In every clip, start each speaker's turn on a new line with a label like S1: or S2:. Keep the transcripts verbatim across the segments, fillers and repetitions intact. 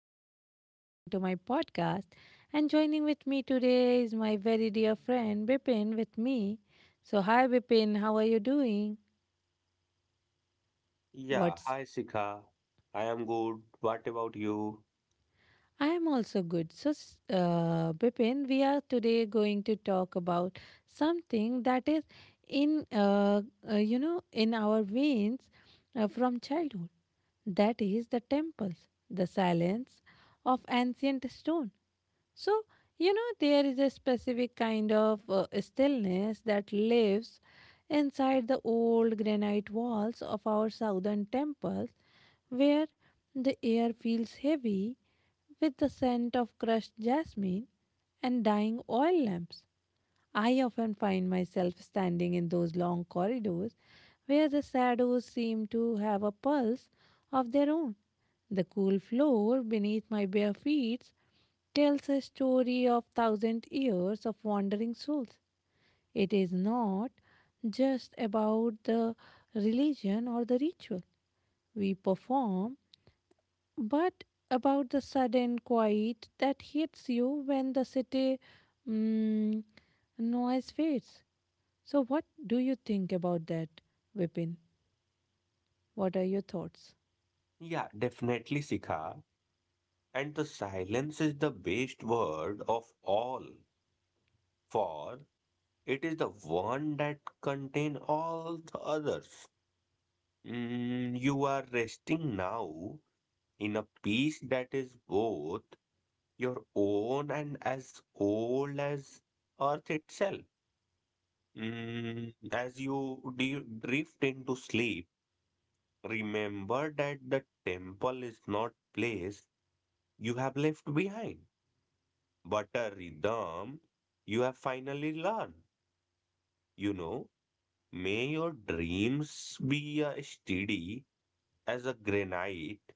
S1: welcome once again to my podcast. And joining with me today is my very dear friend Bipin with me. So, hi, Bipin, how are you doing?
S2: Yeah,
S1: What's
S2: hi Sika. I am good. What about you?
S1: I am also good. So, s- uh, Bipin, we are today going to talk about something that is in, uh, uh, you know, in our veins uh, from childhood. That is the temples, the silence of ancient stone. So, you know, there is a specific kind of uh, stillness that lives inside the old granite walls of our southern temples where the air feels heavy with the scent of crushed jasmine and dying oil lamps. I often find myself standing in those long corridors where the shadows seem to have a pulse of their own. The cool floor beneath my bare feet tells a story of thousand years of wandering souls. It is not just about the religion or the ritual we perform, but about the sudden quiet that hits you when the city mm, noise fades? So, what do you think about that, Vipin? What are your thoughts?
S2: Yeah, definitely Sika. And the silence is the best word of all, for it is the one that contain all the others. Mm, you are resting now in a peace that is both your own and as old as earth itself. Mm, as you de- drift into sleep. Remember that the temple is not place you have left behind, but a rhythm you have finally learned. You know, may your dreams be as steady as a granite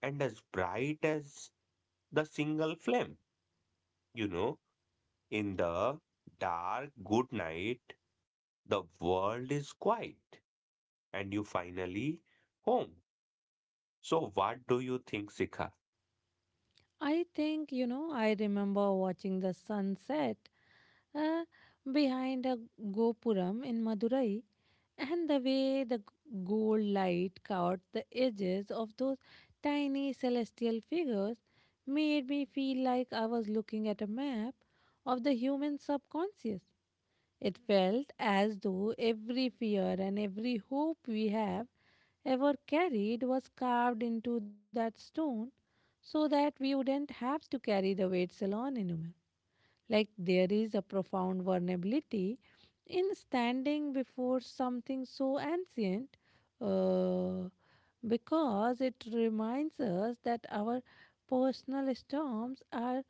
S2: and as bright as the single flame. You know, in the dark good night, the world is quiet and you finally home. So, what do you think, Sikha?
S1: I think, you know, I remember watching the sunset uh, behind a Gopuram in Madurai. And the way the g- gold light caught the edges of those tiny celestial figures made me feel like I was looking at a map of the human subconscious. It felt as though every fear and every hope we have ever carried was carved into that stone so that we wouldn't have to carry the weights alone anymore. Like there is a profound vulnerability in standing before something so ancient uh, because it reminds us that our personal storms are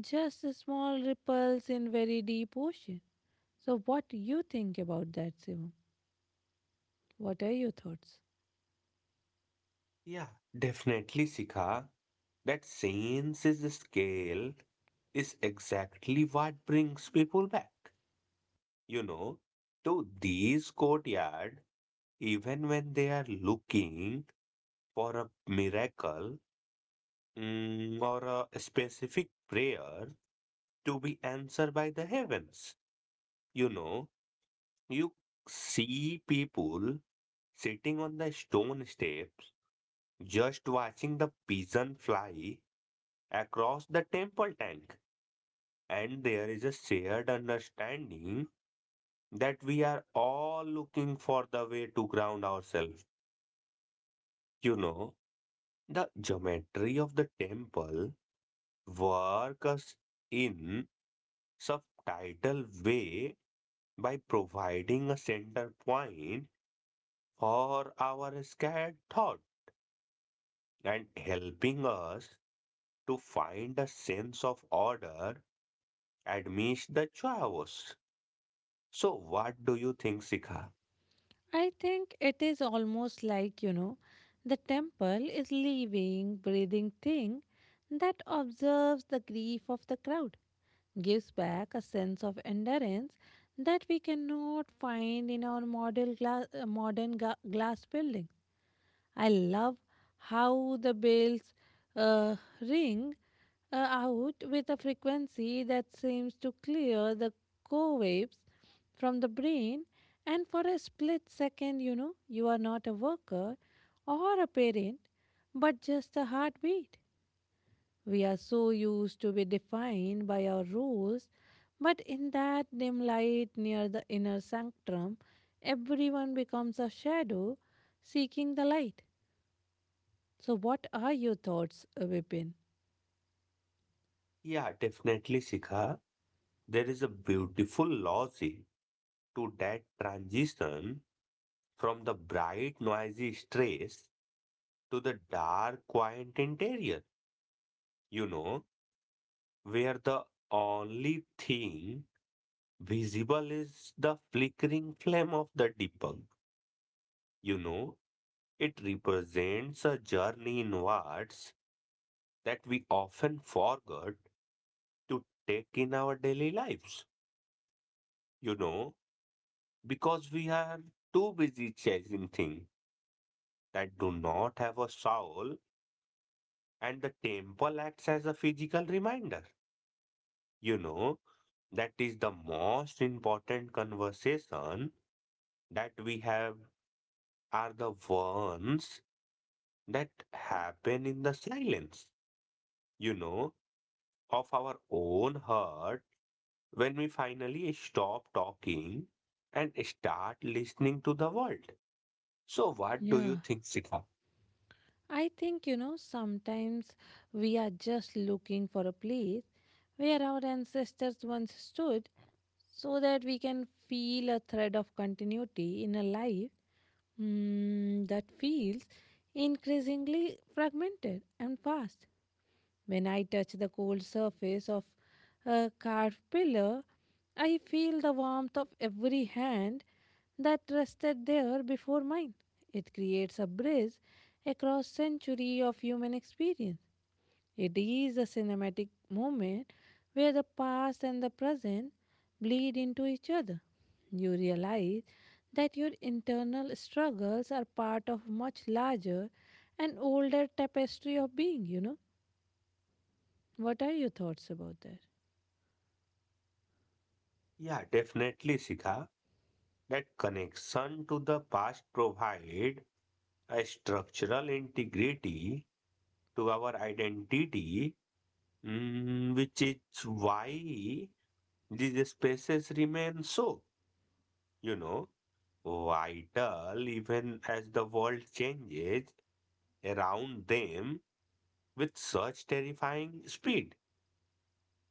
S1: just small ripples in very deep ocean. So what you think about that, Shivam? What are your thoughts?
S2: Yeah, definitely, Sika. That senses scale is exactly what brings people back, you know, to these courtyard, even when they are looking for a miracle mm, or a specific prayer to be answered by the heavens. You know, you see people sitting on the stone steps, just watching the pigeon fly across the temple tank, and there is a shared understanding that we are all looking for the way to ground ourselves. You know, the geometry of the temple works us in subtitle way by providing a center point for our scattered thought and helping us to find a sense of order amidst the chaos. So, what do you think, Sikha?
S1: I think it is almost like, you know, the temple is living, breathing thing that observes the grief of the crowd gives back a sense of endurance that we cannot find in our model glass, uh, modern ga- glass building. I love how the bells uh, ring uh, out with a frequency that seems to clear the co waves from the brain, and for a split second, you know, you are not a worker or a parent, but just a heartbeat. We are so used to be defined by our rules, but in that dim light near the inner sanctum, everyone becomes a shadow seeking the light. So, what are your thoughts, Vipin?
S2: Yeah, definitely, Sikha. There is a beautiful logic to that transition from the bright, noisy stress to the dark, quiet interior, you know, where the only thing visible is the flickering flame of the Deepak. You know, it represents a journey inwards that we often forget to take in our daily lives. You know, because we are too busy chasing things that do not have a soul, and the temple acts as a physical reminder. You know, that is the most important conversation that we have are the ones that happen in the silence, you know, of our own heart when we finally stop talking and start listening to the world. So, what do you
S1: Yeah.
S2: think, Sika?
S1: I think, you know, sometimes we are just looking for a place where our ancestors once stood so that we can feel a thread of continuity in a life mm, that feels increasingly fragmented and fast. When I touch the cold surface of a carved pillar, I feel the warmth of every hand that rested there before mine. It creates a bridge across century of human experience. It is a cinematic moment where the past and the present bleed into each other. You realize that your internal struggles are part of much larger and older tapestry of being, you know. What are your thoughts about that?
S2: Yeah, definitely, Sika. That connection to the past provide a structural integrity to our identity, mm, which is why these spaces remain so, you know, vital even as the world changes around them with such terrifying speed,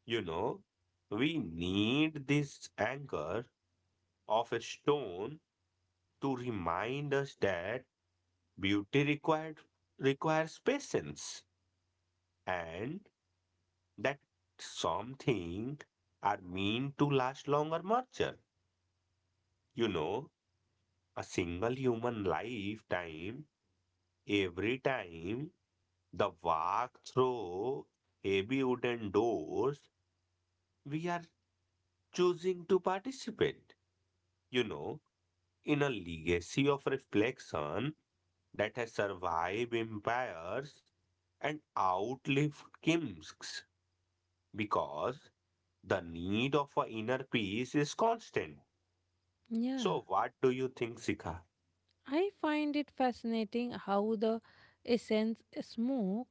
S2: you know. We need this anchor of a stone to remind us that beauty required requires patience, and that something are mean to last longer merger. You know, a single human lifetime, every time the walk through heavy wooden doors, we are choosing to participate. You know, in a legacy of reflection that has survived empires and outlived kings because the need of a inner peace is constant.
S1: Yeah,
S2: So what do you think, Sika?
S1: I find it fascinating how the essence smoke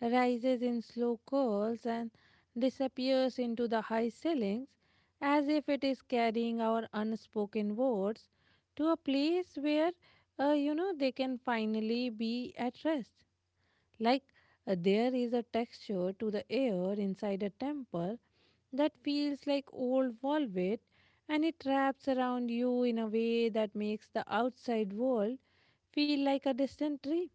S1: rises in slow curls and disappears into the high ceilings as if it is carrying our unspoken words to a place where uh, you know they can finally be at rest. Like uh, there is a texture to the air inside a temple that feels like old velvet and it wraps around you in a way that makes the outside world feel like a distant dream.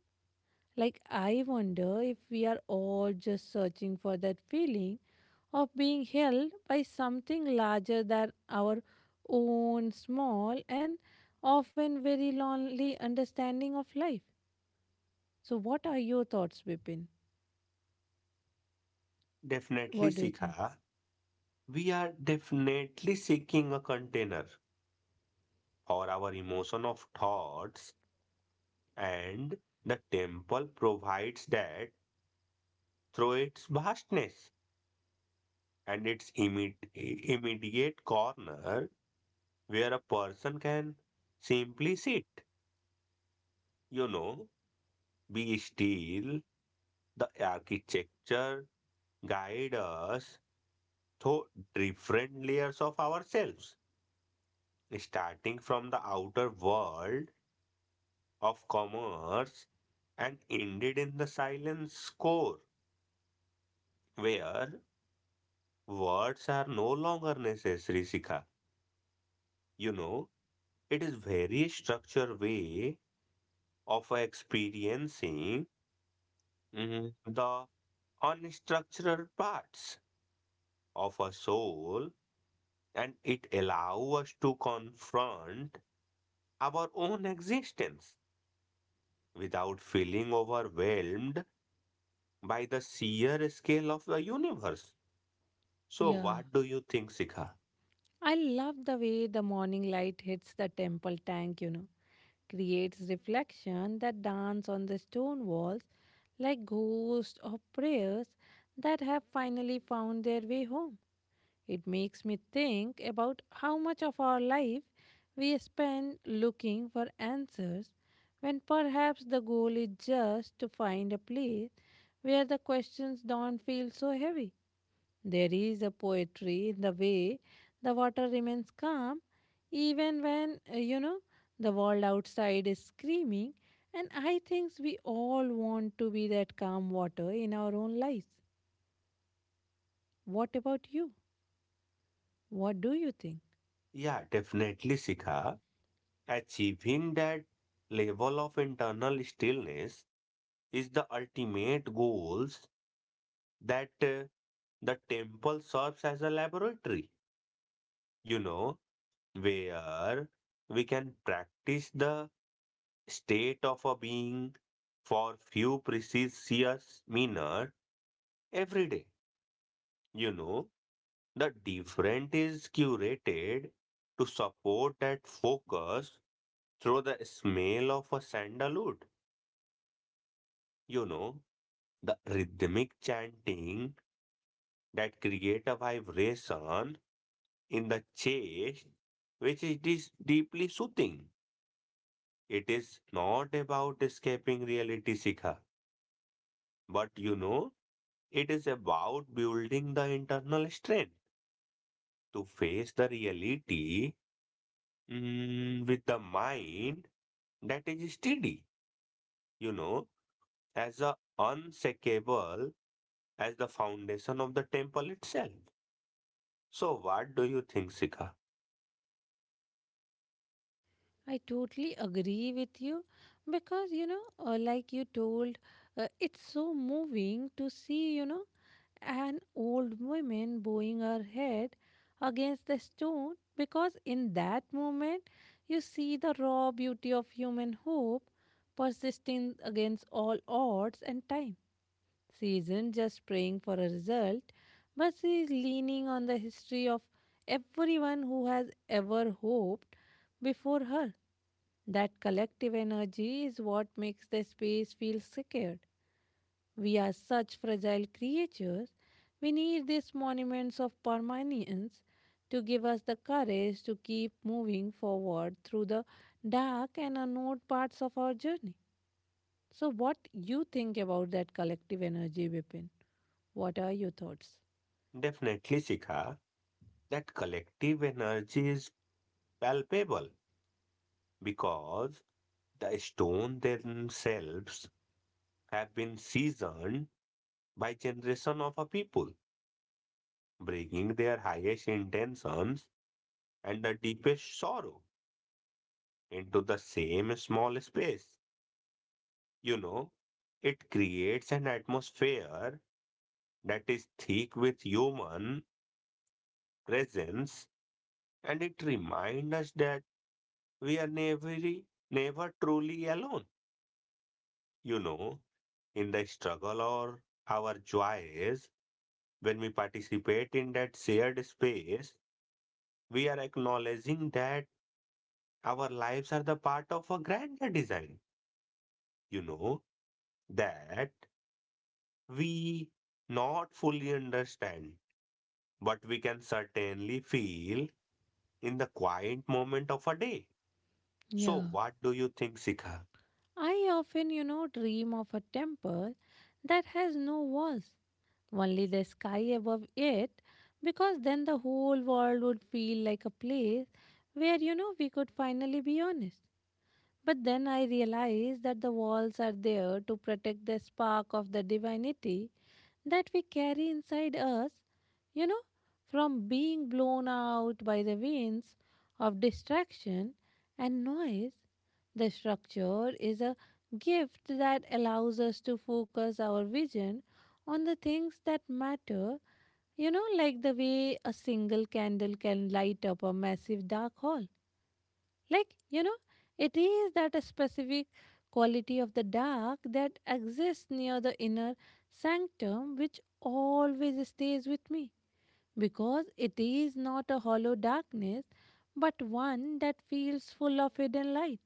S1: Like, I wonder if we are all just searching for that feeling of being held by something larger than our own small and often very lonely understanding of life. So, what are your thoughts, Bipin?
S2: Definitely,
S1: What do you think?
S2: Sika. We are definitely seeking a container for our emotion of thoughts and the temple provides that through its vastness and its imme- immediate corner where a person can simply sit. You know, be still, the architecture guides us to different layers of ourselves, starting from the outer world of commerce and ended in the silence core, where words are no longer necessary, Sika. You know, it is very structured way of experiencing mm, the unstructured parts of a soul and it allows us to confront our own existence without feeling overwhelmed by the sheer scale of the universe. So,
S1: Yeah.
S2: what do you think, Sikha?
S1: I love the way the morning light hits the temple tank, you know, creates reflection that dance on the stone walls like ghosts of prayers that have finally found their way home. It makes me think about how much of our life we spend looking for answers when perhaps the goal is just to find a place where the questions don't feel so heavy. There is a poetry in the way the water remains calm even when, uh, you know, the world outside is screaming. And I think we all want to be that calm water in our own lives. What about you? What do you think?
S2: Yeah, definitely, Sikha. Achieving that level of internal stillness is the ultimate goals that uh, the temple serves as a laboratory, you know, where we can practice the state of a being for few precise years minor every day. You know, the different is curated to support that focus through the smell of a sandalwood. You know, the rhythmic chanting that create a vibration in the chest, which it is dis- deeply soothing. It is not about escaping reality, Sikha, but you know, it is about building the internal strength to face the reality mm, with the mind that is steady, you know, as a unshakable as the foundation of the temple itself. So what do you think, Sika?
S1: I totally agree with you because you know, uh, like you told, uh, it's so moving to see you know an old woman bowing her head against the stone because in that moment you see the raw beauty of human hope persisting against all odds and time. She isn't just praying for a result, but she is leaning on the history of everyone who has ever hoped before her that collective energy is what makes the space feel sacred. We are such fragile creatures. We need these monuments of permanence to give us the courage to keep moving forward through the dark and unknown parts of our journey. So, what you think about that collective energy, Bipin? What are your thoughts?
S2: Definitely, Sika, that collective energy is palpable because the stone themselves have been seasoned by generation of a people, bringing their highest intentions and the deepest sorrow into the same small space. You know, it creates an atmosphere that is thick with human presence and it reminds us that we are never, never truly alone. You know, in the struggle or our joys, when we participate in that shared space, we are acknowledging that our lives are the part of a grander design. You know, that we not fully understand, but we can certainly feel in the quiet moment of a day. So
S1: Yeah.
S2: what do you think, Sikha?
S1: I often, you know, dream of a temple that has no walls, only the sky above it, because then the whole world would feel like a place where, you know, we could finally be honest. But then I realize that the walls are there to protect the spark of the divinity that we carry inside us, you know, from being blown out by the winds of distraction and noise, the structure is a gift that allows us to focus our vision on the things that matter, you know, like the way a single candle can light up a massive dark hall. Like, you know, it is that a specific quality of the dark that exists near the inner sanctum which always stays with me because it is not a hollow darkness, but one that feels full of hidden light.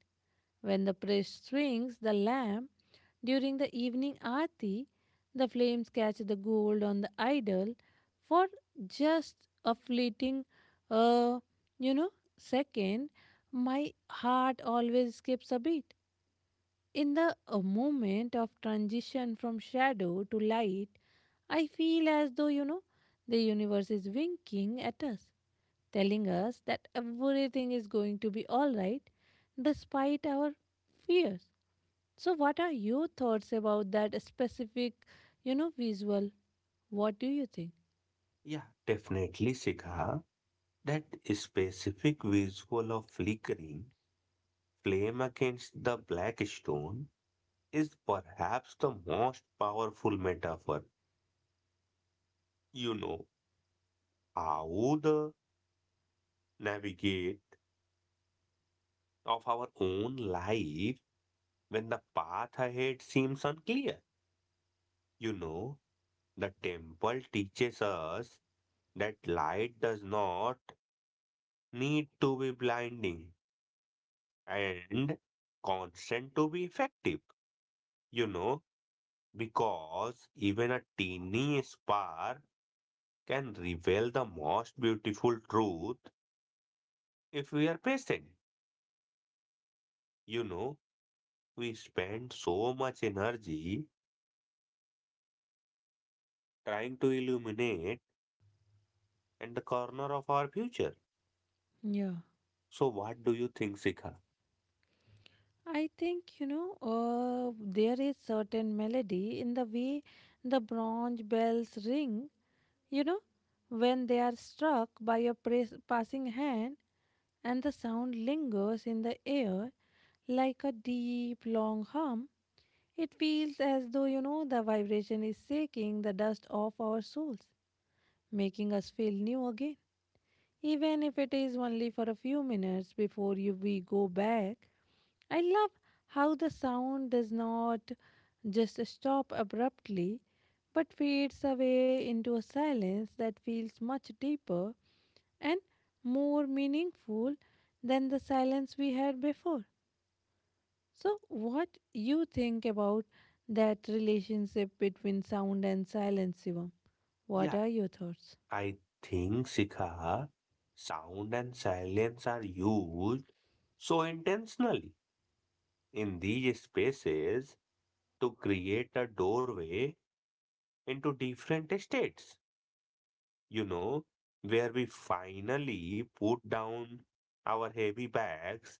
S1: When the priest swings the lamp during the evening aarti, the flames catch the gold on the idol for just a fleeting, uh, you know, second. My heart always skips a beat in the uh, moment of transition from shadow to light, I feel as though, you know, the universe is winking at us, telling us that everything is going to be all right despite our fears. So, what are your thoughts about that specific, you know, visual? What do you think?
S2: Yeah, definitely, Sikha. That specific visual of flickering flame against the black stone is perhaps the most powerful metaphor. You know, how the navigate of our own life when the path ahead seems unclear. You know, the temple teaches us that light does not need to be blinding and constant to be effective, you know, because even a teeny spark can reveal the most beautiful truth if we are patient. You know, we spend so much energy trying to illuminate and the corner of our future.
S1: Yeah.
S2: So what do you think, Sikha?
S1: I think, you know, uh, there is certain melody in the way the bronze bells ring. You know, when they are struck by a pres- passing hand and the sound lingers in the air like a deep, long hum, it feels as though, you know, the vibration is shaking the dust off our souls, making us feel new again. Even if it is only for a few minutes before you, we go back, I love how the sound does not just stop abruptly but fades away into a silence that feels much deeper and more meaningful than the silence we had before. So what you think about that relationship between sound and silence, Shivam?
S2: Yeah,
S1: What are your thoughts?
S2: I think Sikha, sound and silence are used so intentionally in these spaces to create a doorway into different states, you know, where we finally put down our heavy bags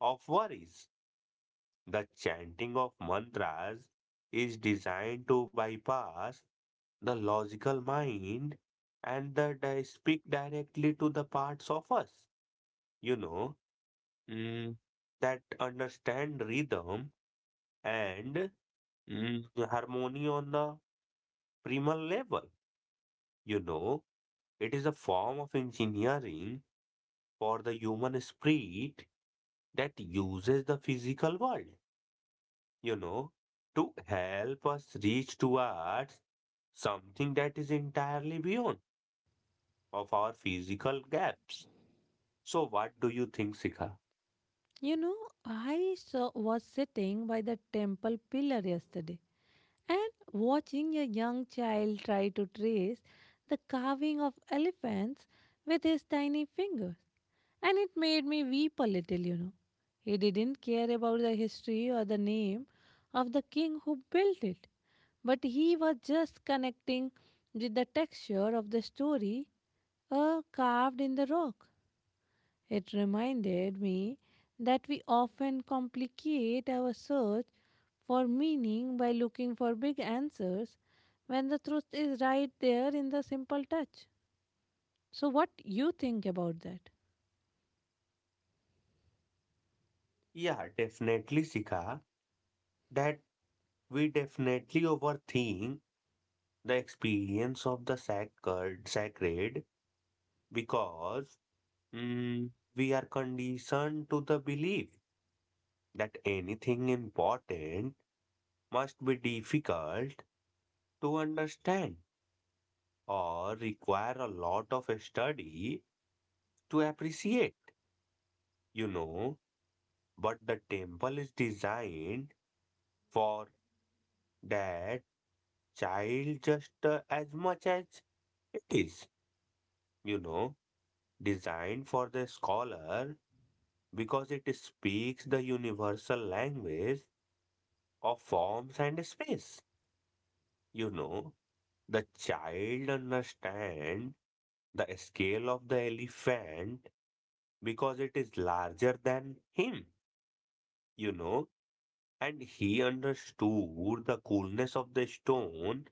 S2: of worries. The chanting of mantras is designed to bypass the logical mind and the di- speak directly to the parts of us, you know, mm, that understand rhythm and mm, harmony on the primal level, you know. It is a form of engineering for the human spirit that uses the physical world, you know, to help us reach towards something that is entirely beyond of our physical gaps. So what do you think, Sika?
S1: you know i saw, was sitting by the temple pillar yesterday. And watching a young child try to trace the carving of elephants with his tiny fingers. And it made me weep a little, you know. He didn't care about the history or the name of the king who built it, but he was just connecting with the texture of the story uh, carved in the rock. It reminded me that we often complicate our search for meaning by looking for big answers when the truth is right there in the simple touch. So what you think about that?
S2: Yeah, definitely, Sika, that we definitely overthink the experience of the sacred, sacred because mm, we are conditioned to the belief that anything important must be difficult to understand or require a lot of study to appreciate, you know. But the temple is designed for that child just uh, as much as it is, you know, designed for the scholar because it speaks the universal language of forms and space, you know. The child understand the scale of the elephant because it is larger than him, you know, and he understood the coolness of the stone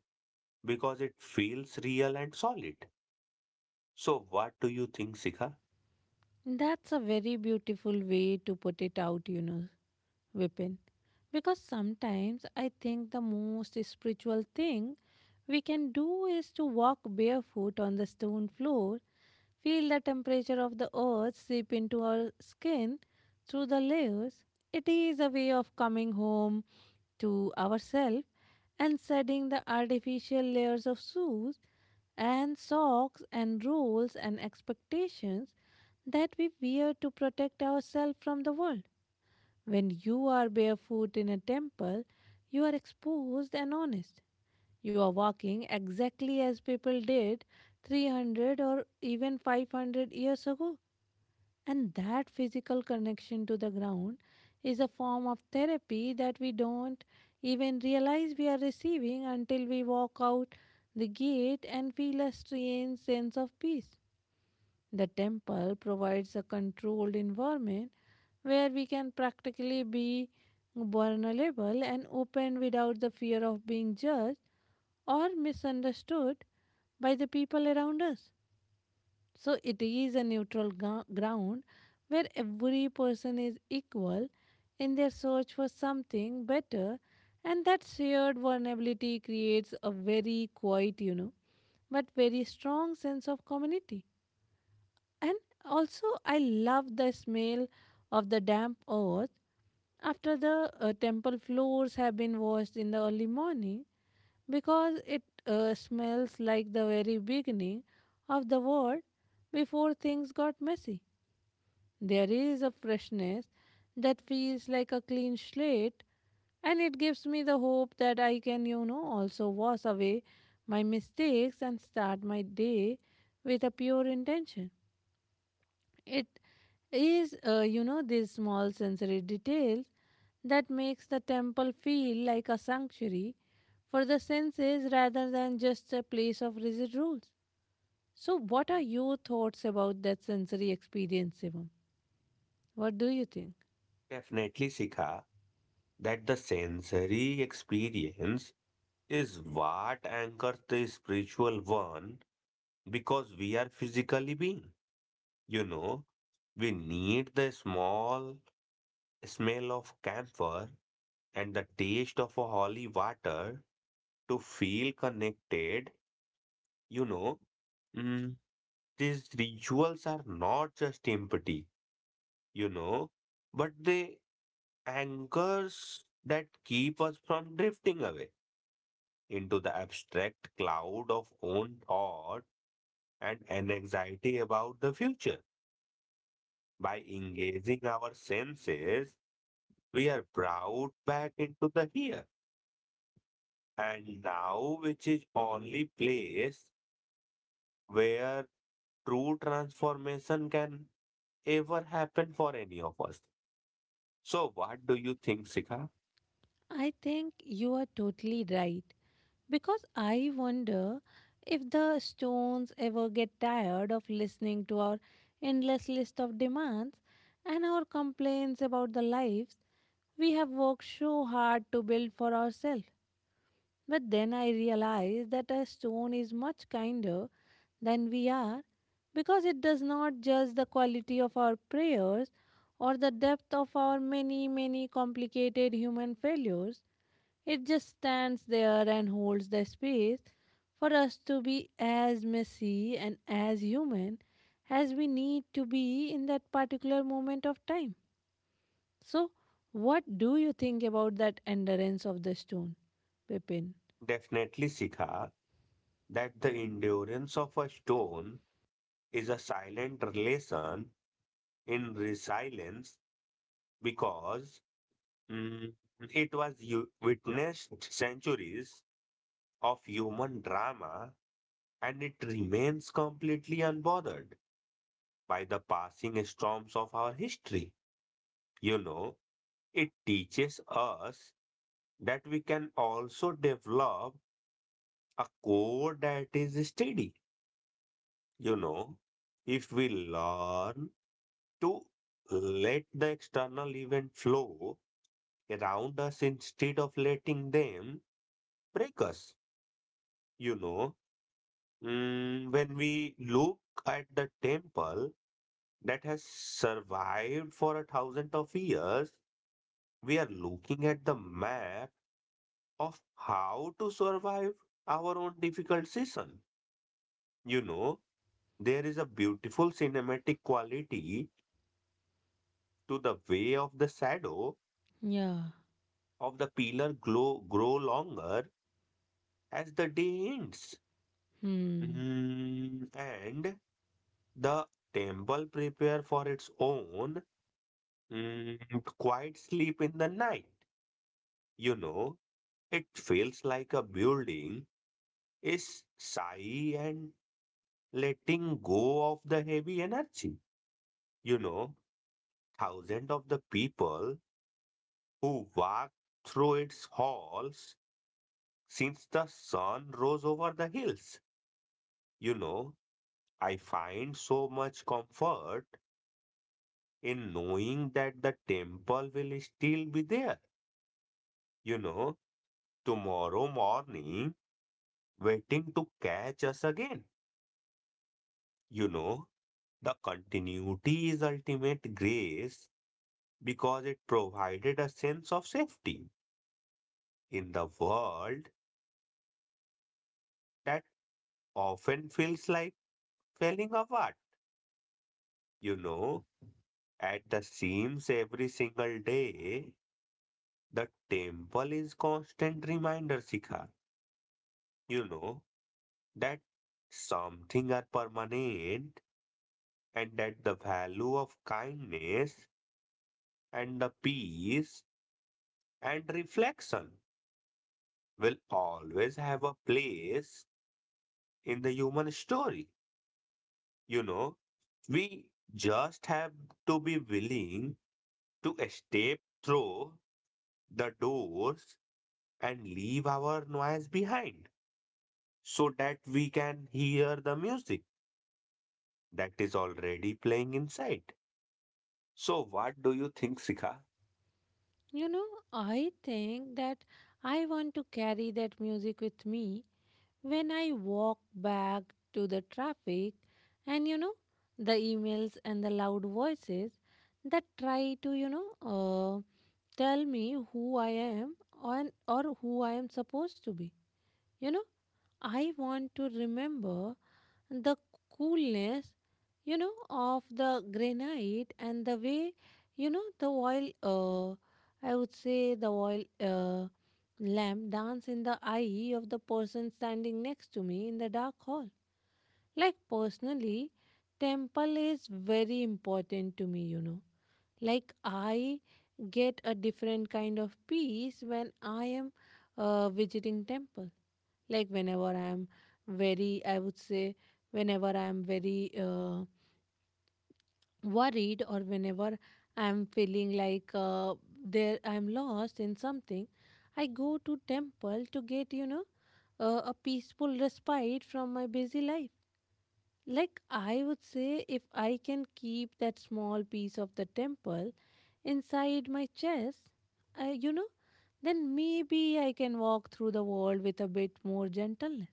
S2: because it feels real and solid. So, what do you think, Sika?
S1: That's a very beautiful way to put it out, you know. Vipin. Because sometimes I think the most spiritual thing we can do is to walk barefoot on the stone floor, feel the temperature of the earth seep into our skin through the layers. It is a way of coming home to ourselves and shedding the artificial layers of shoes and socks and rules and expectations that we wear to protect ourselves from the world. When you are barefoot in a temple, you are exposed and honest. You are walking exactly as people did three hundred or even five hundred years ago. And that physical connection to the ground is a form of therapy that we don't even realize we are receiving until we walk out the gate and feel a strange sense of peace. The temple provides a controlled environment where we can practically be vulnerable and open without the fear of being judged or misunderstood by the people around us. So it is a neutral gro- ground where every person is equal in their search for something better and that shared vulnerability creates a very quiet, you know, but very strong sense of community. And also, I love the smell of the damp earth after the uh, temple floors have been washed in the early morning because it uh, smells like the very beginning of the world before things got messy. There is a freshness that feels like a clean slate, and it gives me the hope that I can, you know, also wash away my mistakes and start my day with a pure intention. It is, uh, you know, these small sensory details that makes the temple feel like a sanctuary for the senses rather than just a place of rigid rules. So, what are your thoughts about that sensory experience, Shivam? What do you think?
S2: Definitely, Sika, that the sensory experience is what anchors the spiritual one because we are physically being, you know, we need the small smell of camphor and the taste of a holy water to feel connected, you know, mm, these rituals are not just empty, you know, but they anchors that keep us from drifting away into the abstract cloud of own thought and an anxiety about the future. By engaging our senses, we are brought back into the here and now, which is only place where true transformation can ever happen for any of us. So, what do you think, Sika?
S1: I think you are totally right because I wonder if the stones ever get tired of listening to our endless list of demands and our complaints about the lives we have worked so hard to build for ourselves. But then I realized that a stone is much kinder than we are because it does not judge the quality of our prayers or the depth of our many, many complicated human failures. It just stands there and holds the space for us to be as messy and as human as we need to be in that particular moment of time. So, what do you think about that endurance of the stone, Pepin?
S2: Definitely, Sika, that the endurance of a stone is a silent relation in resilience because mm, it was u- witnessed centuries of human drama and it remains completely unbothered by the passing storms of our history. You know, it teaches us that we can also develop a core that is steady. You know, if we learn to let the external event flow around us instead of letting them break us, you know, mm, when we look at the temple that has survived for a thousand of years, we are looking at the map of how to survive our own difficult season. You know, there is a beautiful cinematic quality to the way of the shadow
S1: Yeah.
S2: of the pillar glow, grow longer as the day ends.
S1: Hmm.
S2: Mm, and the temple prepare for its own mm, quiet sleep in the night. You know, it feels like a building is sigh and letting go of the heavy energy. You know, Thousands of the people who walked through its halls since the sun rose over the hills. You know, I find so much comfort in knowing that the temple will still be there, you know, tomorrow morning, waiting to catch us again. You know, the continuity is ultimate grace because it provided a sense of safety in the world that often feels like failing apart, you know, at the seams every single day, the temple is constant reminder, Sikha. You know that something are permanent and that the value of kindness and the peace and reflection will always have a place in the human story. You know, we just have to be willing to step through the doors and leave our noise behind, so that we can hear the music that is already playing inside. So, what do you think, Sikha?
S1: You know, I think that I want to carry that music with me when I walk back to the traffic and, you know, the emails and the loud voices that try to, you know, uh, tell me who I am or or who I am supposed to be. You know, I want to remember the coolness, you know, of the granite and the way, you know, the oil uh, I would say the oil uh, lamp dance in the eye of the person standing next to me in the dark hall. Like personally, temple is very important to me, you know. Like i get a different kind of peace when I am uh, visiting temple. Like whenever i'm very i would say whenever I'm very uh, worried, or whenever I'm feeling like uh, there I'm lost in something, I go to temple to get, you know uh, a peaceful respite from my busy life. Like I would say if I can keep that small piece of the temple inside my chest, I, you know then maybe I can walk through the world with a bit more gentleness.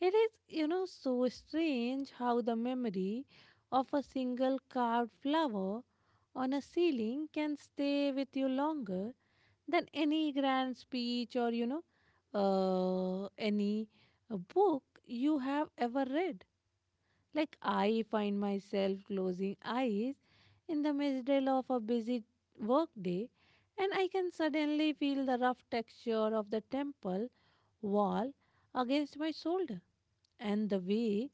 S1: It is, you know, so strange how the memory of a single carved flower on a ceiling can stay with you longer than any grand speech or, you know, uh, any uh, book you have ever read. Like, I find myself closing eyes in the middle of a busy workday, and I can suddenly feel the rough texture of the temple wall against my shoulder and the way,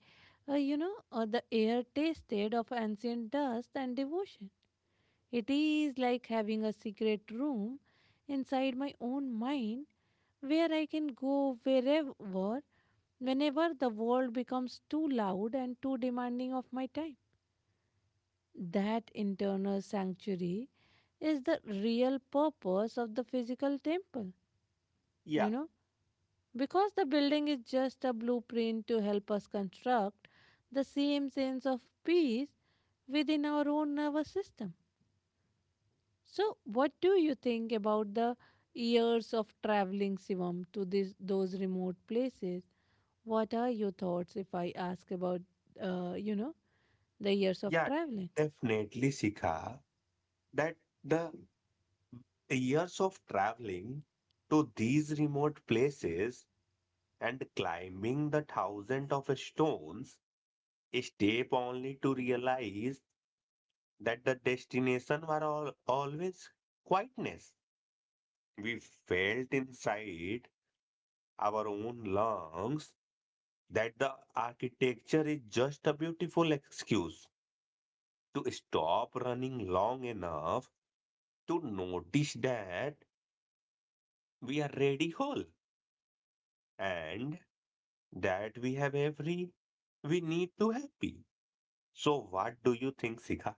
S1: uh, you know, uh, the air tasted of ancient dust and devotion. It is like having a secret room inside my own mind where I can go wherever, whenever the world becomes too loud and too demanding of my time. That internal sanctuary is the real purpose of the physical temple, you
S2: Yeah,
S1: know. Because the building is just a blueprint to help us construct the same sense of peace within our own nervous system. So, what do you think about the years of traveling, Sivam, to this, those remote places? What are your thoughts if I ask about, uh, you know, the years of
S2: yeah,
S1: traveling?
S2: Definitely, Sikha, that the years of traveling to these remote places and climbing the thousand of stones step only to realize that the destination were all, always quietness. We felt inside our own lungs that the architecture is just a beautiful excuse to stop running long enough to notice that we are ready whole and that we have every we need to happy. So what do you think, Sika?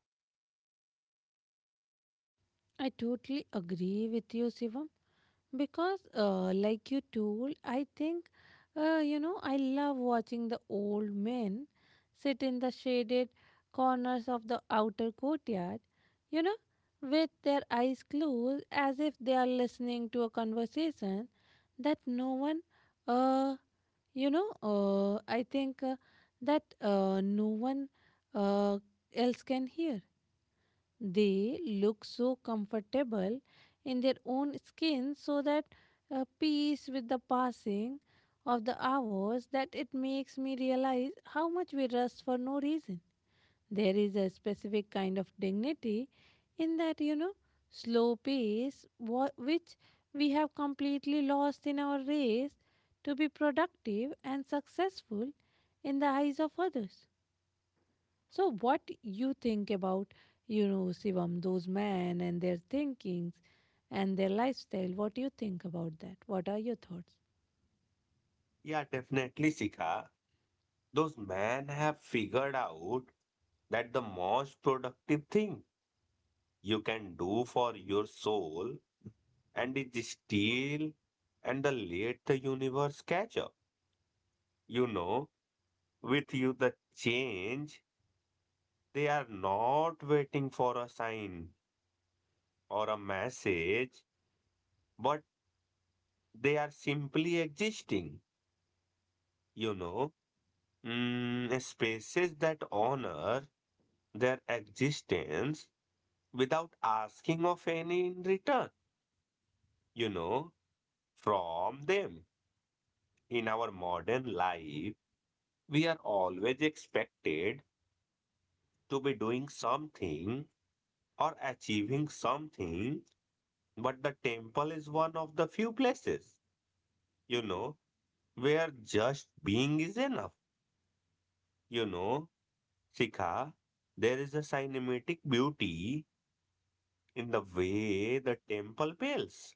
S1: I totally agree with you, Sivam. Because, uh, like you told, I think, uh, you know, I love watching the old men sit in the shaded corners of the outer courtyard, you know, with their eyes closed as if they are listening to a conversation that no one, uh, you know, uh, I think uh, that uh, no one uh, else can hear. They look so comfortable in their own skin, so that uh, peace with the passing of the hours that it makes me realize how much we rust for no reason. There is a specific kind of dignity in that, you know, slow pace wha- which we have completely lost in our race to be productive and successful in the eyes of others. So what you think about, you know, Shivam, those men and their thinkings and their lifestyle? What do you think about that? What are your thoughts?
S2: Yeah, definitely, Sika. Those men have figured out that the most productive thing you can do for your soul and is still and the let the universe catch up. You know, with you the change. They are not waiting for a sign or a message, but they are simply existing. You know, mm, Spaces that honor their existence without asking of any in return, you know, from them. In our modern life, we are always expected to be doing something or achieving something. But the temple is one of the few places, you know, where just being is enough. You know, Shikha, there is a cinematic beauty in the way the temple bells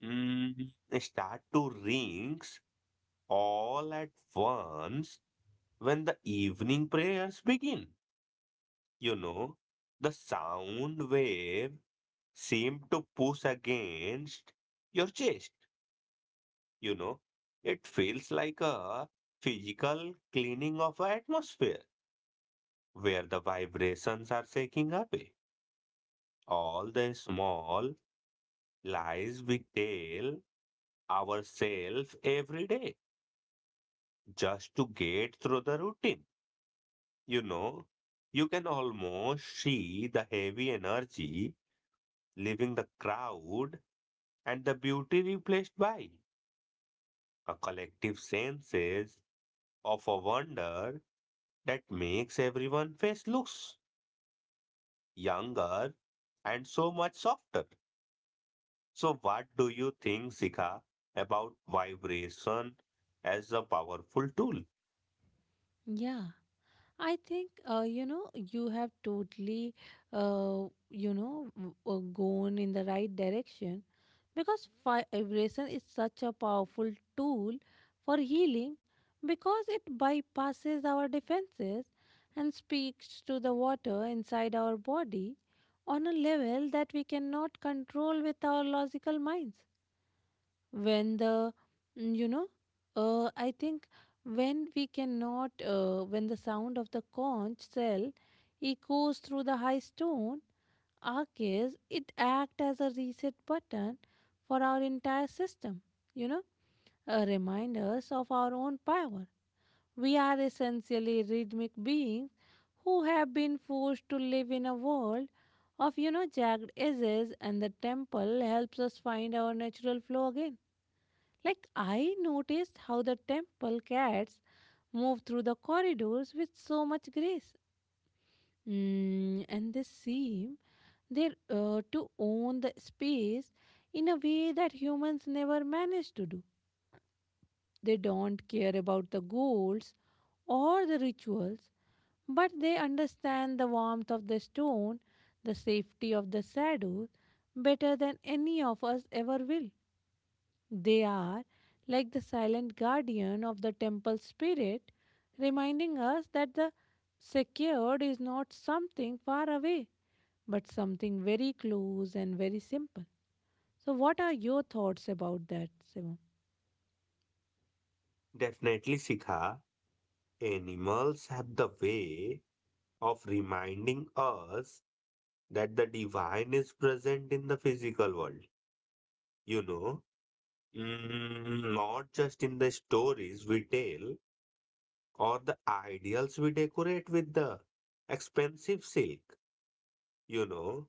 S2: mm, start to rings all at once when the evening prayers begin. You know, the sound wave seem to push against your chest. You know, it feels like a physical cleaning of an atmosphere where the vibrations are shaking away all the small lies we tell ourselves every day just to get through the routine. You know, you can almost see the heavy energy leaving the crowd and the beauty replaced by a collective senses of a wonder that makes everyone face loose. Younger, and so much softer. So, what do you think, Sika, about vibration as a powerful tool?
S1: Yeah, I think uh, you know you have totally uh, you know w- uh, gone in the right direction because fi- vibration is such a powerful tool for healing because it bypasses our defenses and speaks to the water inside our body on a level that we cannot control with our logical minds. When the mm, you know uh, I think when we cannot uh, when the sound of the conch shell echoes through the high stone arches, it acts as a reset button for our entire system, you know, uh, remind us of our own power. We are essentially rhythmic beings who have been forced to live in a world of, you know, jagged edges, and the temple helps us find our natural flow again. Like I noticed how the temple cats move through the corridors with so much grace. Mm, and they seem they uh, to own the space in a way that humans never manage to do. They don't care about the goals or the rituals. But they understand the warmth of the stone, the safety of the shadow, better than any of us ever will. They are like the silent guardian of the temple spirit, reminding us that the secured is not something far away, but something very close and very simple. So, what are your thoughts about that, Simon?
S2: Definitely, Sika, animals have the way of reminding us that the divine is present in the physical world, you know, Mm, not just in the stories we tell or the ideals we decorate with the expensive silk, you know.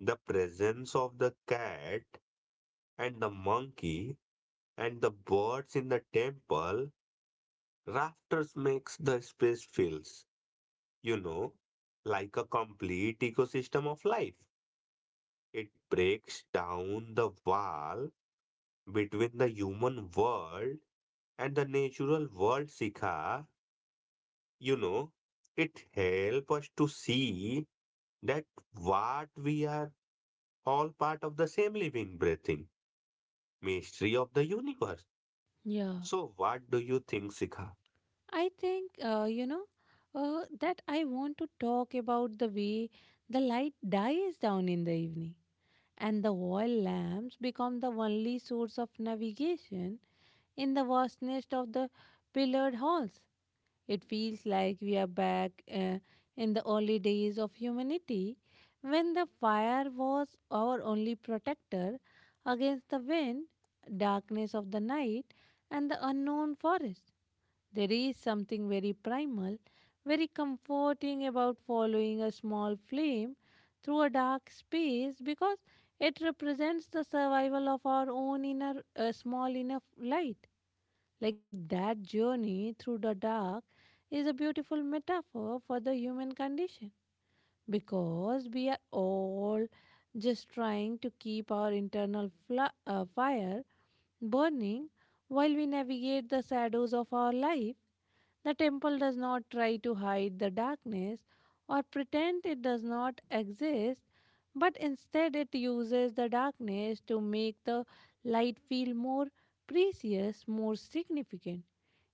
S2: The presence of the cat and the monkey and the birds in the temple rafters makes the space feels, you know, like a complete ecosystem of life. It breaks down the wall between the human world and the natural world, Sikha. You know, it helps us to see that what we are all part of the same living, breathing mystery of the universe.
S1: Yeah.
S2: So, what do you think, Sikha?
S1: I think, uh, you know, uh, that I want to talk about the way the light dies down in the evening and the oil lamps become the only source of navigation in the vastness of the pillared halls. It feels like we are back uh, in the early days of humanity when the fire was our only protector against the wind, darkness of the night, and the unknown forest. There is something very primal, very comforting about following a small flame through a dark space because it represents the survival of our own inner uh, small enough light. Like that journey through the dark is a beautiful metaphor for the human condition because we are all just trying to keep our internal fla- uh, fire burning while we navigate the shadows of our life. The temple does not try to hide the darkness or pretend it does not exist, but instead it uses the darkness to make the light feel more precious, more significant.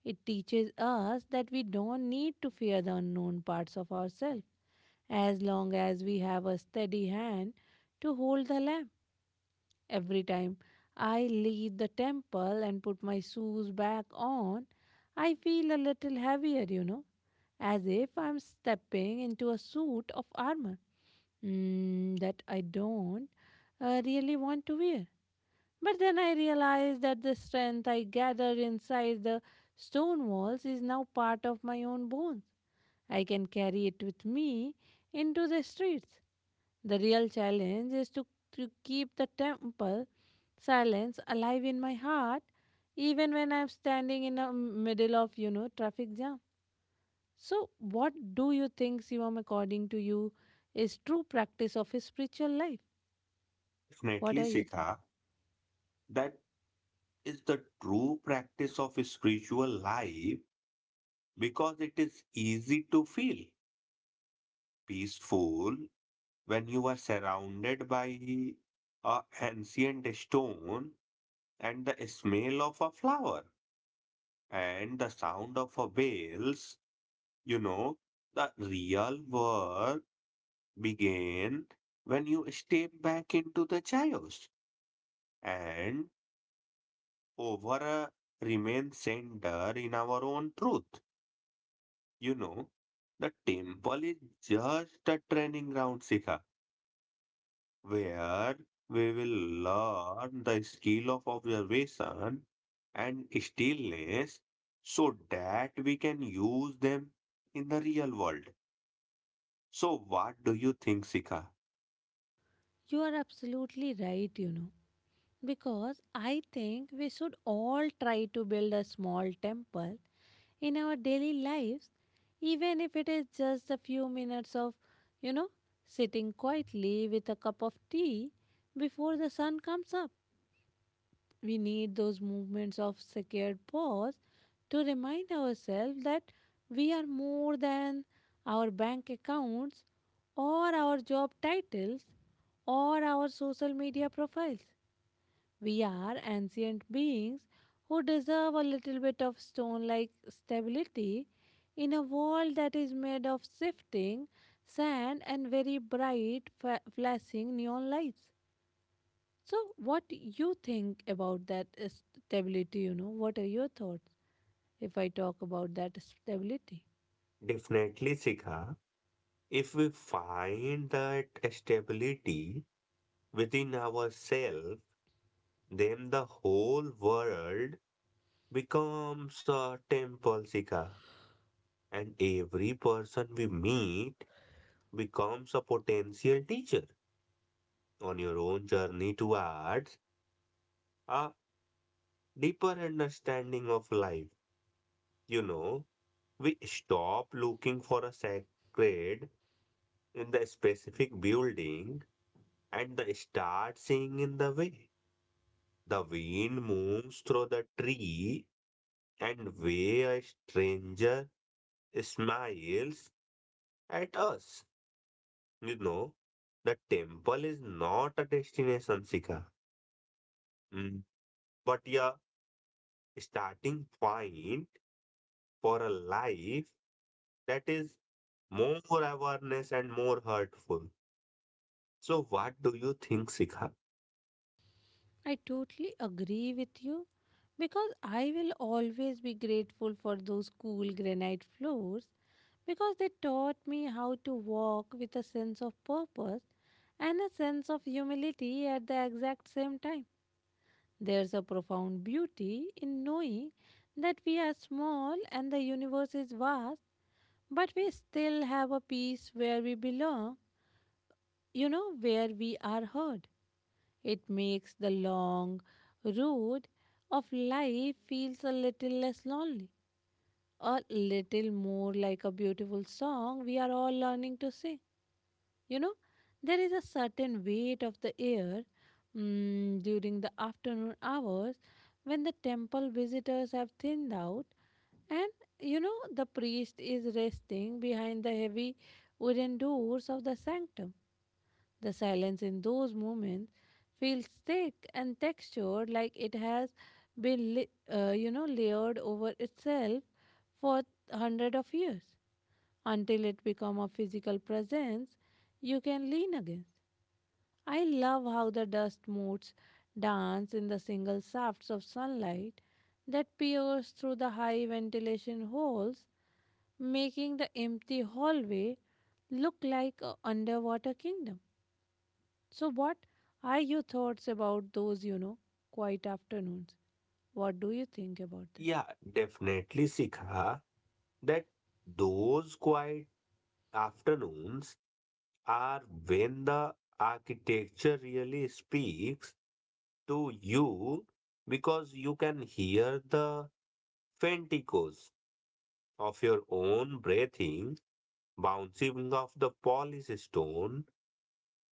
S1: It teaches us that we don't need to fear the unknown parts of ourselves as long as we have a steady hand to hold the lamp. Every time I leave the temple and put my shoes back on, I feel a little heavier, you know, as if I'm stepping into a suit of armor, mm, that I don't uh, really want to wear. But then I realized that the strength I gathered inside the stone walls is now part of my own bones. I can carry it with me into the streets. The real challenge is to, to keep the temple silence alive in my heart even when I'm standing in the middle of, you know, traffic jam. So what do you think, Sivam, according to you, is true practice of a spiritual life? What
S2: Definitely,
S1: are your thoughts?
S2: Sikha, that is the true practice of spiritual life because it is easy to feel peaceful when you are surrounded by a ancient stone and the smell of a flower and the sound of a bells. You know, the real work begin when you step back into the chaos and over uh, remain center in our own truth. You know, the temple is just a training ground, Sikha, where we will learn the skill of observation and stillness so that we can use them in the real world. So, what do you think, Sikha?
S1: You are absolutely right, you know. Because I think we should all try to build a small temple in our daily lives, even if it is just a few minutes of, you know, sitting quietly with a cup of tea before the sun comes up. We need those movements of sacred pause to remind ourselves that we are more than our bank accounts or our job titles or our social media profiles. We are ancient beings who deserve a little bit of stone like stability in a world that is made of shifting sand and very bright fa- flashing neon lights. So, what you think about that uh, stability? You know, what are your thoughts if I talk about that stability?
S2: Definitely, Sikha. If we find that stability within ourselves, then the whole world becomes a temple, Sika, and every person we meet becomes a potential teacher on your own journey towards a deeper understanding of life. You know, we stop looking for a sacred in the specific building and the start seeing in the way. The wind moves through the tree and way a stranger smiles at us. You know, the temple is not a destination, Sika, Mm. but a starting point for a life that is more awareness and more hurtful. So, what do you think, Sika?
S1: I totally agree with you because I will always be grateful for those cool granite floors because they taught me how to walk with a sense of purpose and a sense of humility at the exact same time. There's a profound beauty in knowing that we are small and the universe is vast, but we still have a peace where we belong, you know, where we are heard. It makes the long road of life feels a little less lonely, a little more like a beautiful song we are all learning to sing. You know, there is a certain weight of the air mm, during the afternoon hours when the temple visitors have thinned out and you know the priest is resting behind the heavy wooden doors of the sanctum. The silence in those moments feels thick and textured, like it has been, li- uh, you know, layered over itself for hundred of years until it become a physical presence you can lean against. I love how the dust motes dance in the single shafts of sunlight that pierce through the high ventilation holes, making the empty hallway look like an underwater kingdom. So, what are your thoughts about those, you know, quiet afternoons? What do you think about that?
S2: Yeah, definitely, Sika, that those quiet afternoons are when the architecture really speaks to you because you can hear the faint echoes of your own breathing, bouncing off the polished stone,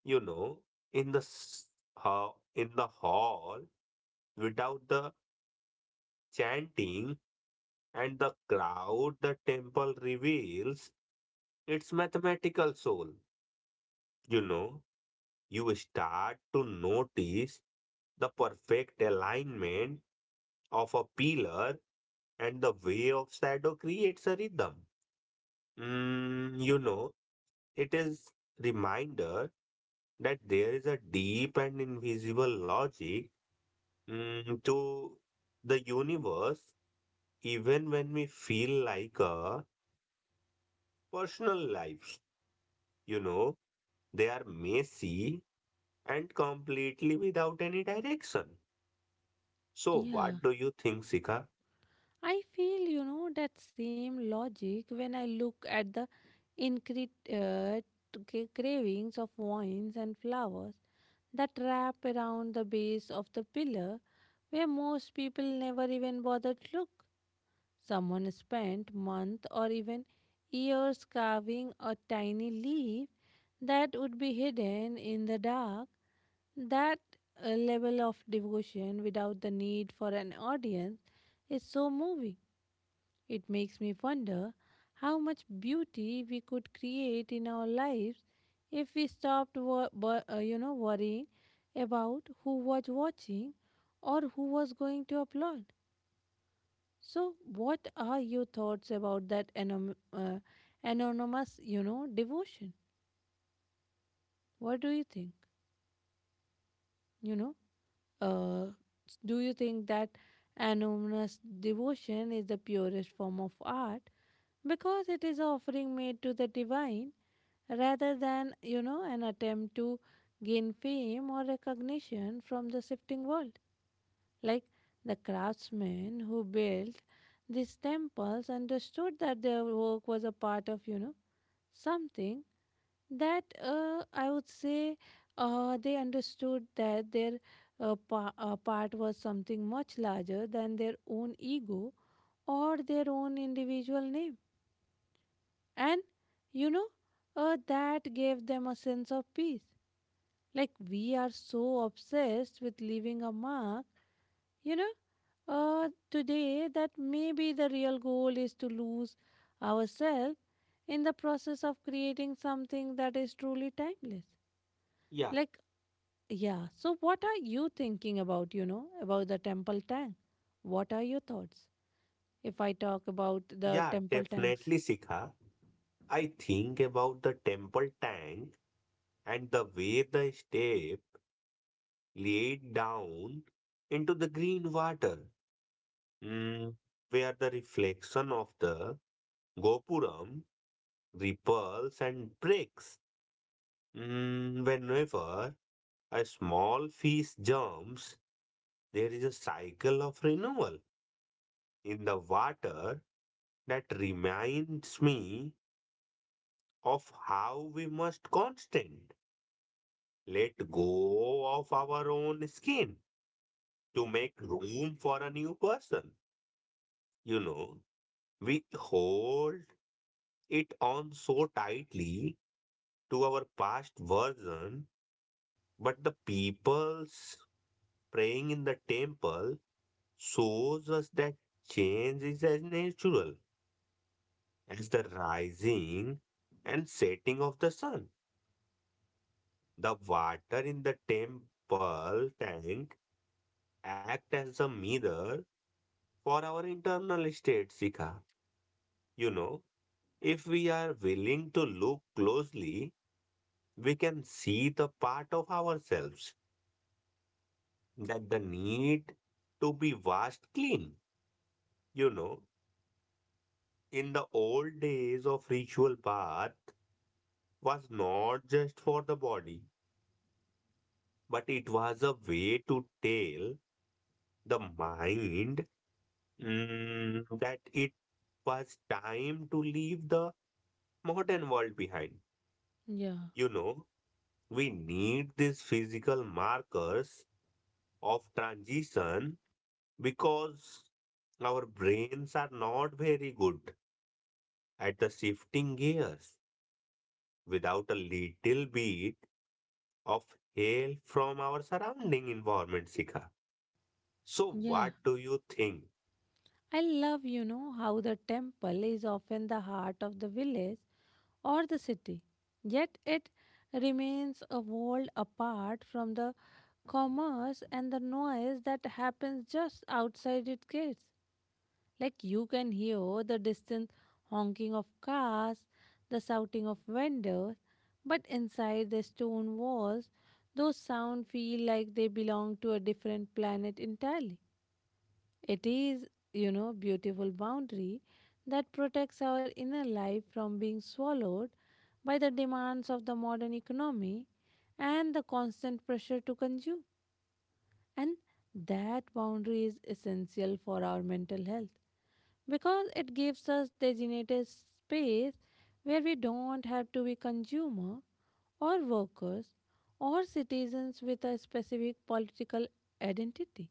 S2: you know, in the s- ha- in the hall without the chanting and the crowd the temple reveals its mathematical soul. You know, you start to notice the perfect alignment of a pillar and the way of shadow creates a rhythm. Mm, you know, It is reminder that there is a deep and invisible logic mm, to the universe even when we feel like our personal lives, you know, they are messy and completely without any direction. So
S1: Yeah,
S2: what do you think, Sika?
S1: I feel, you know, that same logic when I look at the incre- uh, c- cravings of wines and flowers that wrap around the base of the pillar where most people never even bother to look. Someone spent months or even years carving a tiny leaf that would be hidden in the dark. That uh, level of devotion without the need for an audience is so moving. It makes me wonder how much beauty we could create in our lives if we stopped wor- wor- uh, you know worrying about who was watching or who was going to applaud. So, what are your thoughts about that anom- uh, anonymous, you know, devotion? What do you think? You know, uh, s- do you think that anonymous devotion is the purest form of art because it is offering made to the divine rather than, you know, an attempt to gain fame or recognition from the shifting world? Like the craftsmen who built these temples understood that their work was a part of, you know, something that uh, I would say uh, they understood that their uh, pa- uh, part was something much larger than their own ego or their own individual name. And, you know, uh, that gave them a sense of peace. Like we are so obsessed with leaving a mark. You know, uh, today that maybe the real goal is to lose ourselves in the process of creating something that is truly timeless.
S2: yeah
S1: Like, yeah, so what are you thinking about, you know, about the temple tank? What are your thoughts if I talk about the
S2: yeah
S1: temple tanks?
S2: Definitely, Sika. I think about the temple tank and the way the step laid down into the green water, mm, where the reflection of the gopuram repels and breaks. Mm, whenever a small fish jumps, there is a cycle of renewal in the water that reminds me of how we must constant let go of our own skin to make room for a new person. You know, we hold it on so tightly to our past version, but the people's praying in the temple shows us that change is as natural as the rising and setting of the sun. The water in the temple tank act as a mirror for our internal state, Sika. You know, if we are willing to look closely, we can see the part of ourselves that the need to be washed clean. You know, in the old days of ritual bath was not just for the body, but it was a way to tell the mind mm, that it was time to leave the modern world behind.
S1: Yeah,
S2: You know, we need these physical markers of transition because our brains are not very good at the shifting gears without a little bit of hail from our surrounding environment, Sika. So,
S1: yeah.
S2: what do you think?
S1: I love, you know, how the temple is often the heart of the village or the city, yet it remains a world apart from the commerce and the noise that happens just outside its gates. Like you can hear the distant honking of cars, the shouting of vendors, but inside the stone walls, those sounds feel like they belong to a different planet entirely. It is, you know, beautiful boundary that protects our inner life from being swallowed by the demands of the modern economy and the constant pressure to consume. And that boundary is essential for our mental health because it gives us designated space where we don't have to be consumer or workers or citizens with a specific political identity.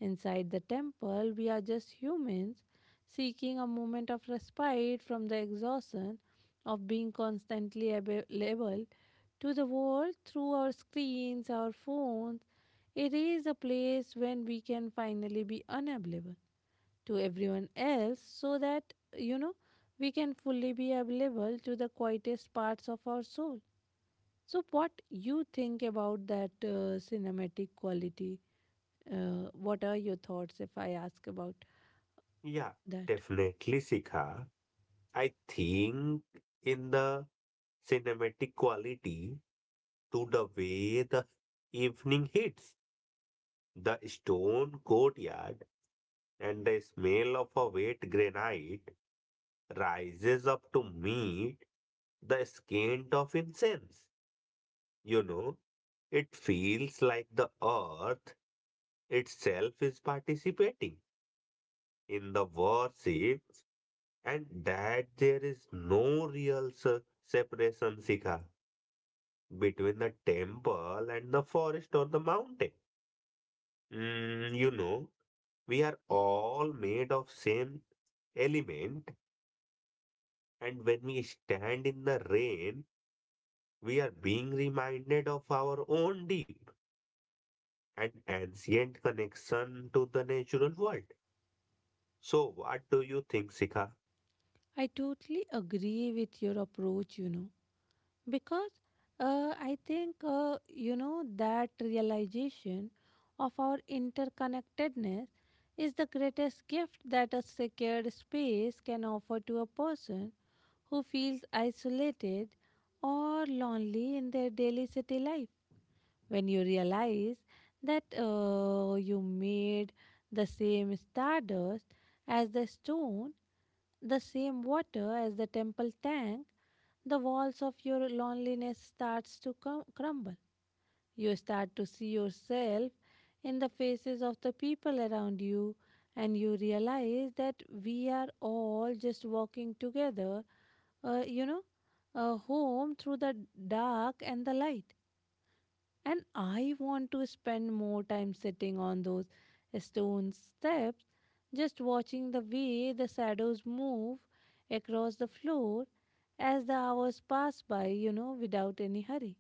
S1: Inside the temple, we are just humans seeking a moment of respite from the exhaustion of being constantly available to the world through our screens, our phones. It is a place when we can finally be unavailable to everyone else so that, you know, we can fully be available to the quietest parts of our soul. So, what you think about that uh, cinematic quality? Uh, what are your thoughts if I ask about
S2: Yeah,
S1: that?
S2: definitely, Sika. I think in the cinematic quality to the way the evening hits the stone courtyard and the smell of a wet granite rises up to meet the scent of incense. You know, it feels like the earth itself is participating in the worship and that there is no real se- separation, Sikha, between the temple and the forest or the mountain. Mm, you know, we are all made of same element and when we stand in the rain, we are being reminded of our own deep and ancient connection to the natural world. So, what do you think, Sika?
S1: I totally agree with your approach, you know, because uh, I think, uh, you know, that realization of our interconnectedness is the greatest gift that a secured space can offer to a person who feels isolated or lonely in their daily city life. When you realize that uh, you made the same stardust as the stone, the same water as the temple tank, the walls of your loneliness starts to crum- crumble. You start to see yourself in the faces of the people around you and you realize that we are all just walking together, uh, you know, uh, home through the dark and the light. And I want to spend more time sitting on those stone steps, just watching the way the shadows move across the floor as the hours pass by, you know, without any hurry.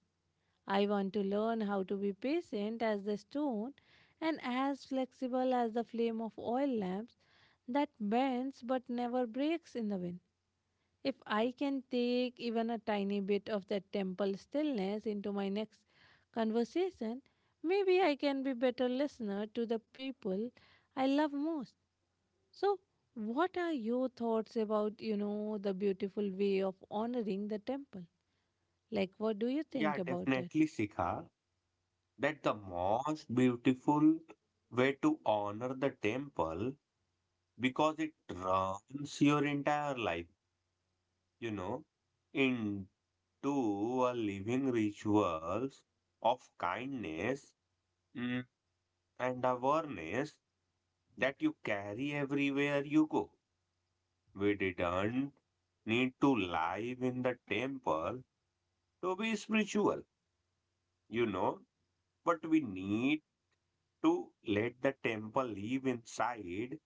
S1: I want to learn how to be patient as the stone and as flexible as the flame of oil lamps that bends but never breaks in the wind. If I can take even a tiny bit of that temple stillness into my next conversation, maybe I can be better listener to the people I love most. So, what are your thoughts about, you know, the beautiful way of honoring the temple? Like what do you
S2: Yeah,
S1: think about that?
S2: definitely, Sikha, that the most beautiful way to honor the temple because it runs your entire life, you know, into a living rituals of kindness mm, and awareness that you carry everywhere you go. We didn't need to live in the temple to be spiritual, you know. But we need to let the temple live inside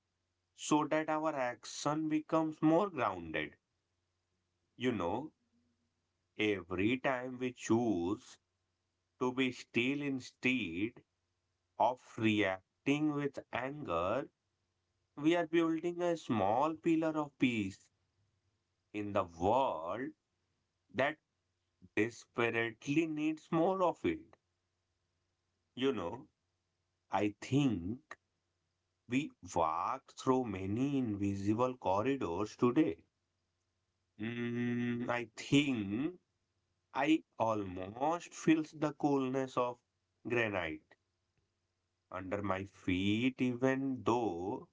S2: so that our action becomes more grounded. You know, every time we choose to be still instead of reacting with anger, we are building a small pillar of peace in the world that desperately needs more of it. You know, I think we walk through many invisible corridors today. Mm, I think I almost feels the coolness of granite under my feet, even though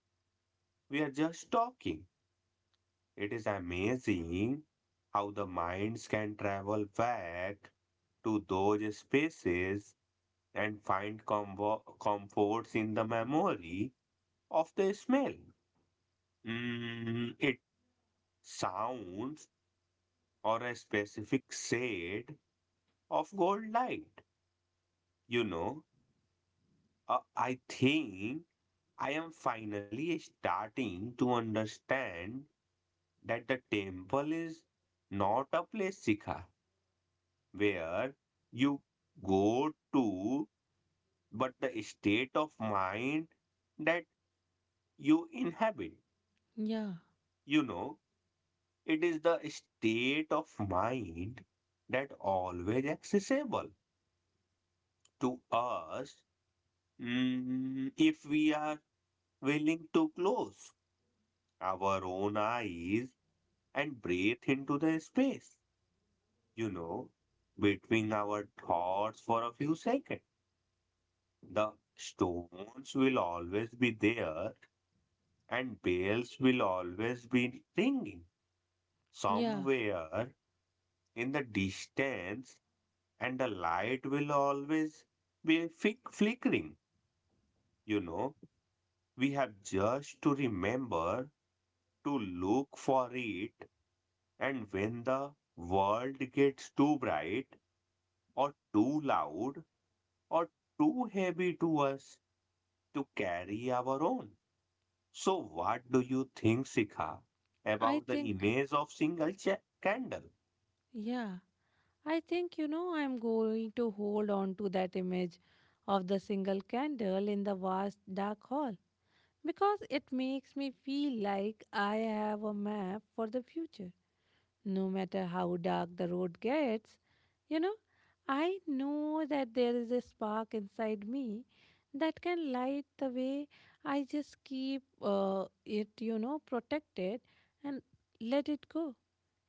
S2: we are just talking. It is amazing how the minds can travel back to those spaces and find comfo- comforts in the memory of the smell. Mm, it sounds or a specific shade of gold light, you know. Uh, I think I am finally starting to understand that the temple is not a place, Sikha, where you go to, but the state of mind that you inhabit.
S1: Yeah.
S2: You know, it is the state of mind that always accessible to us mm, if we are willing to close our own eyes and breathe into the space, you know, between our thoughts for a few seconds. The stones will always be there and bells will always be ringing
S1: Yeah.
S2: somewhere in the distance and the light will always be fick- flickering. You know, we have just to remember to look for it and when the world gets too bright or too loud, or too heavy to us to carry our own. So, what do you think, Sikha,
S1: I
S2: about the
S1: think
S2: image of single cha- candle?
S1: yeah. I think you know I'm going to hold on to that image of the single candle in the vast dark hall because it makes me feel like I have a map for the future. No matter how dark the road gets, you know, I know that there is a spark inside me that can light the way. I just keep uh, it, you know, protected and let it go.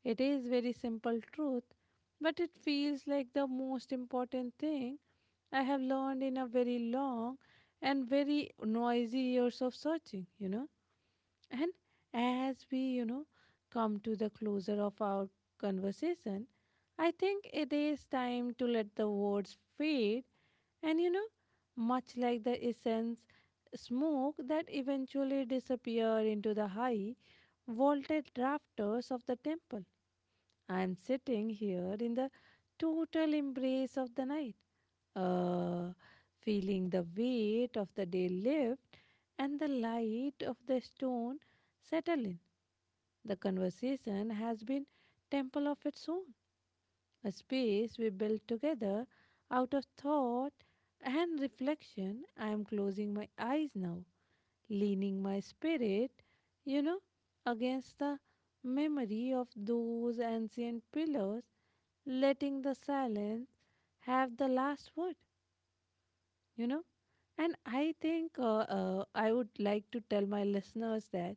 S1: It is very simple truth, but it feels like the most important thing I have learned in a very long and very noisy years of searching, you know. And as we, you know, come to the closer of our conversation, I think it is time to let the words fade and, you know, much like the essence smoke that eventually disappear into the high vaulted rafters of the temple. I am sitting here in the total embrace of the night uh, feeling the weight of the day lift and the light of the stone settle in. The conversation has been temple of its own, a space we built together out of thought and reflection. I am closing my eyes now, leaning my spirit, you know, against the memory of those ancient pillars, letting the silence have the last word. you know and I think uh, uh, I would like to tell my listeners that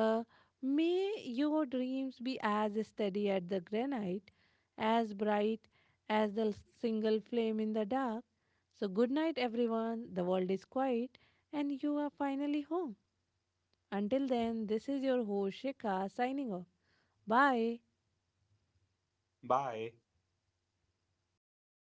S1: uh, may your dreams be as steady at the granite, as bright as the single flame in the dark. So good night everyone, the world is quiet and you are finally home. Until then, this is your host Shikha signing off. Bye.
S2: Bye.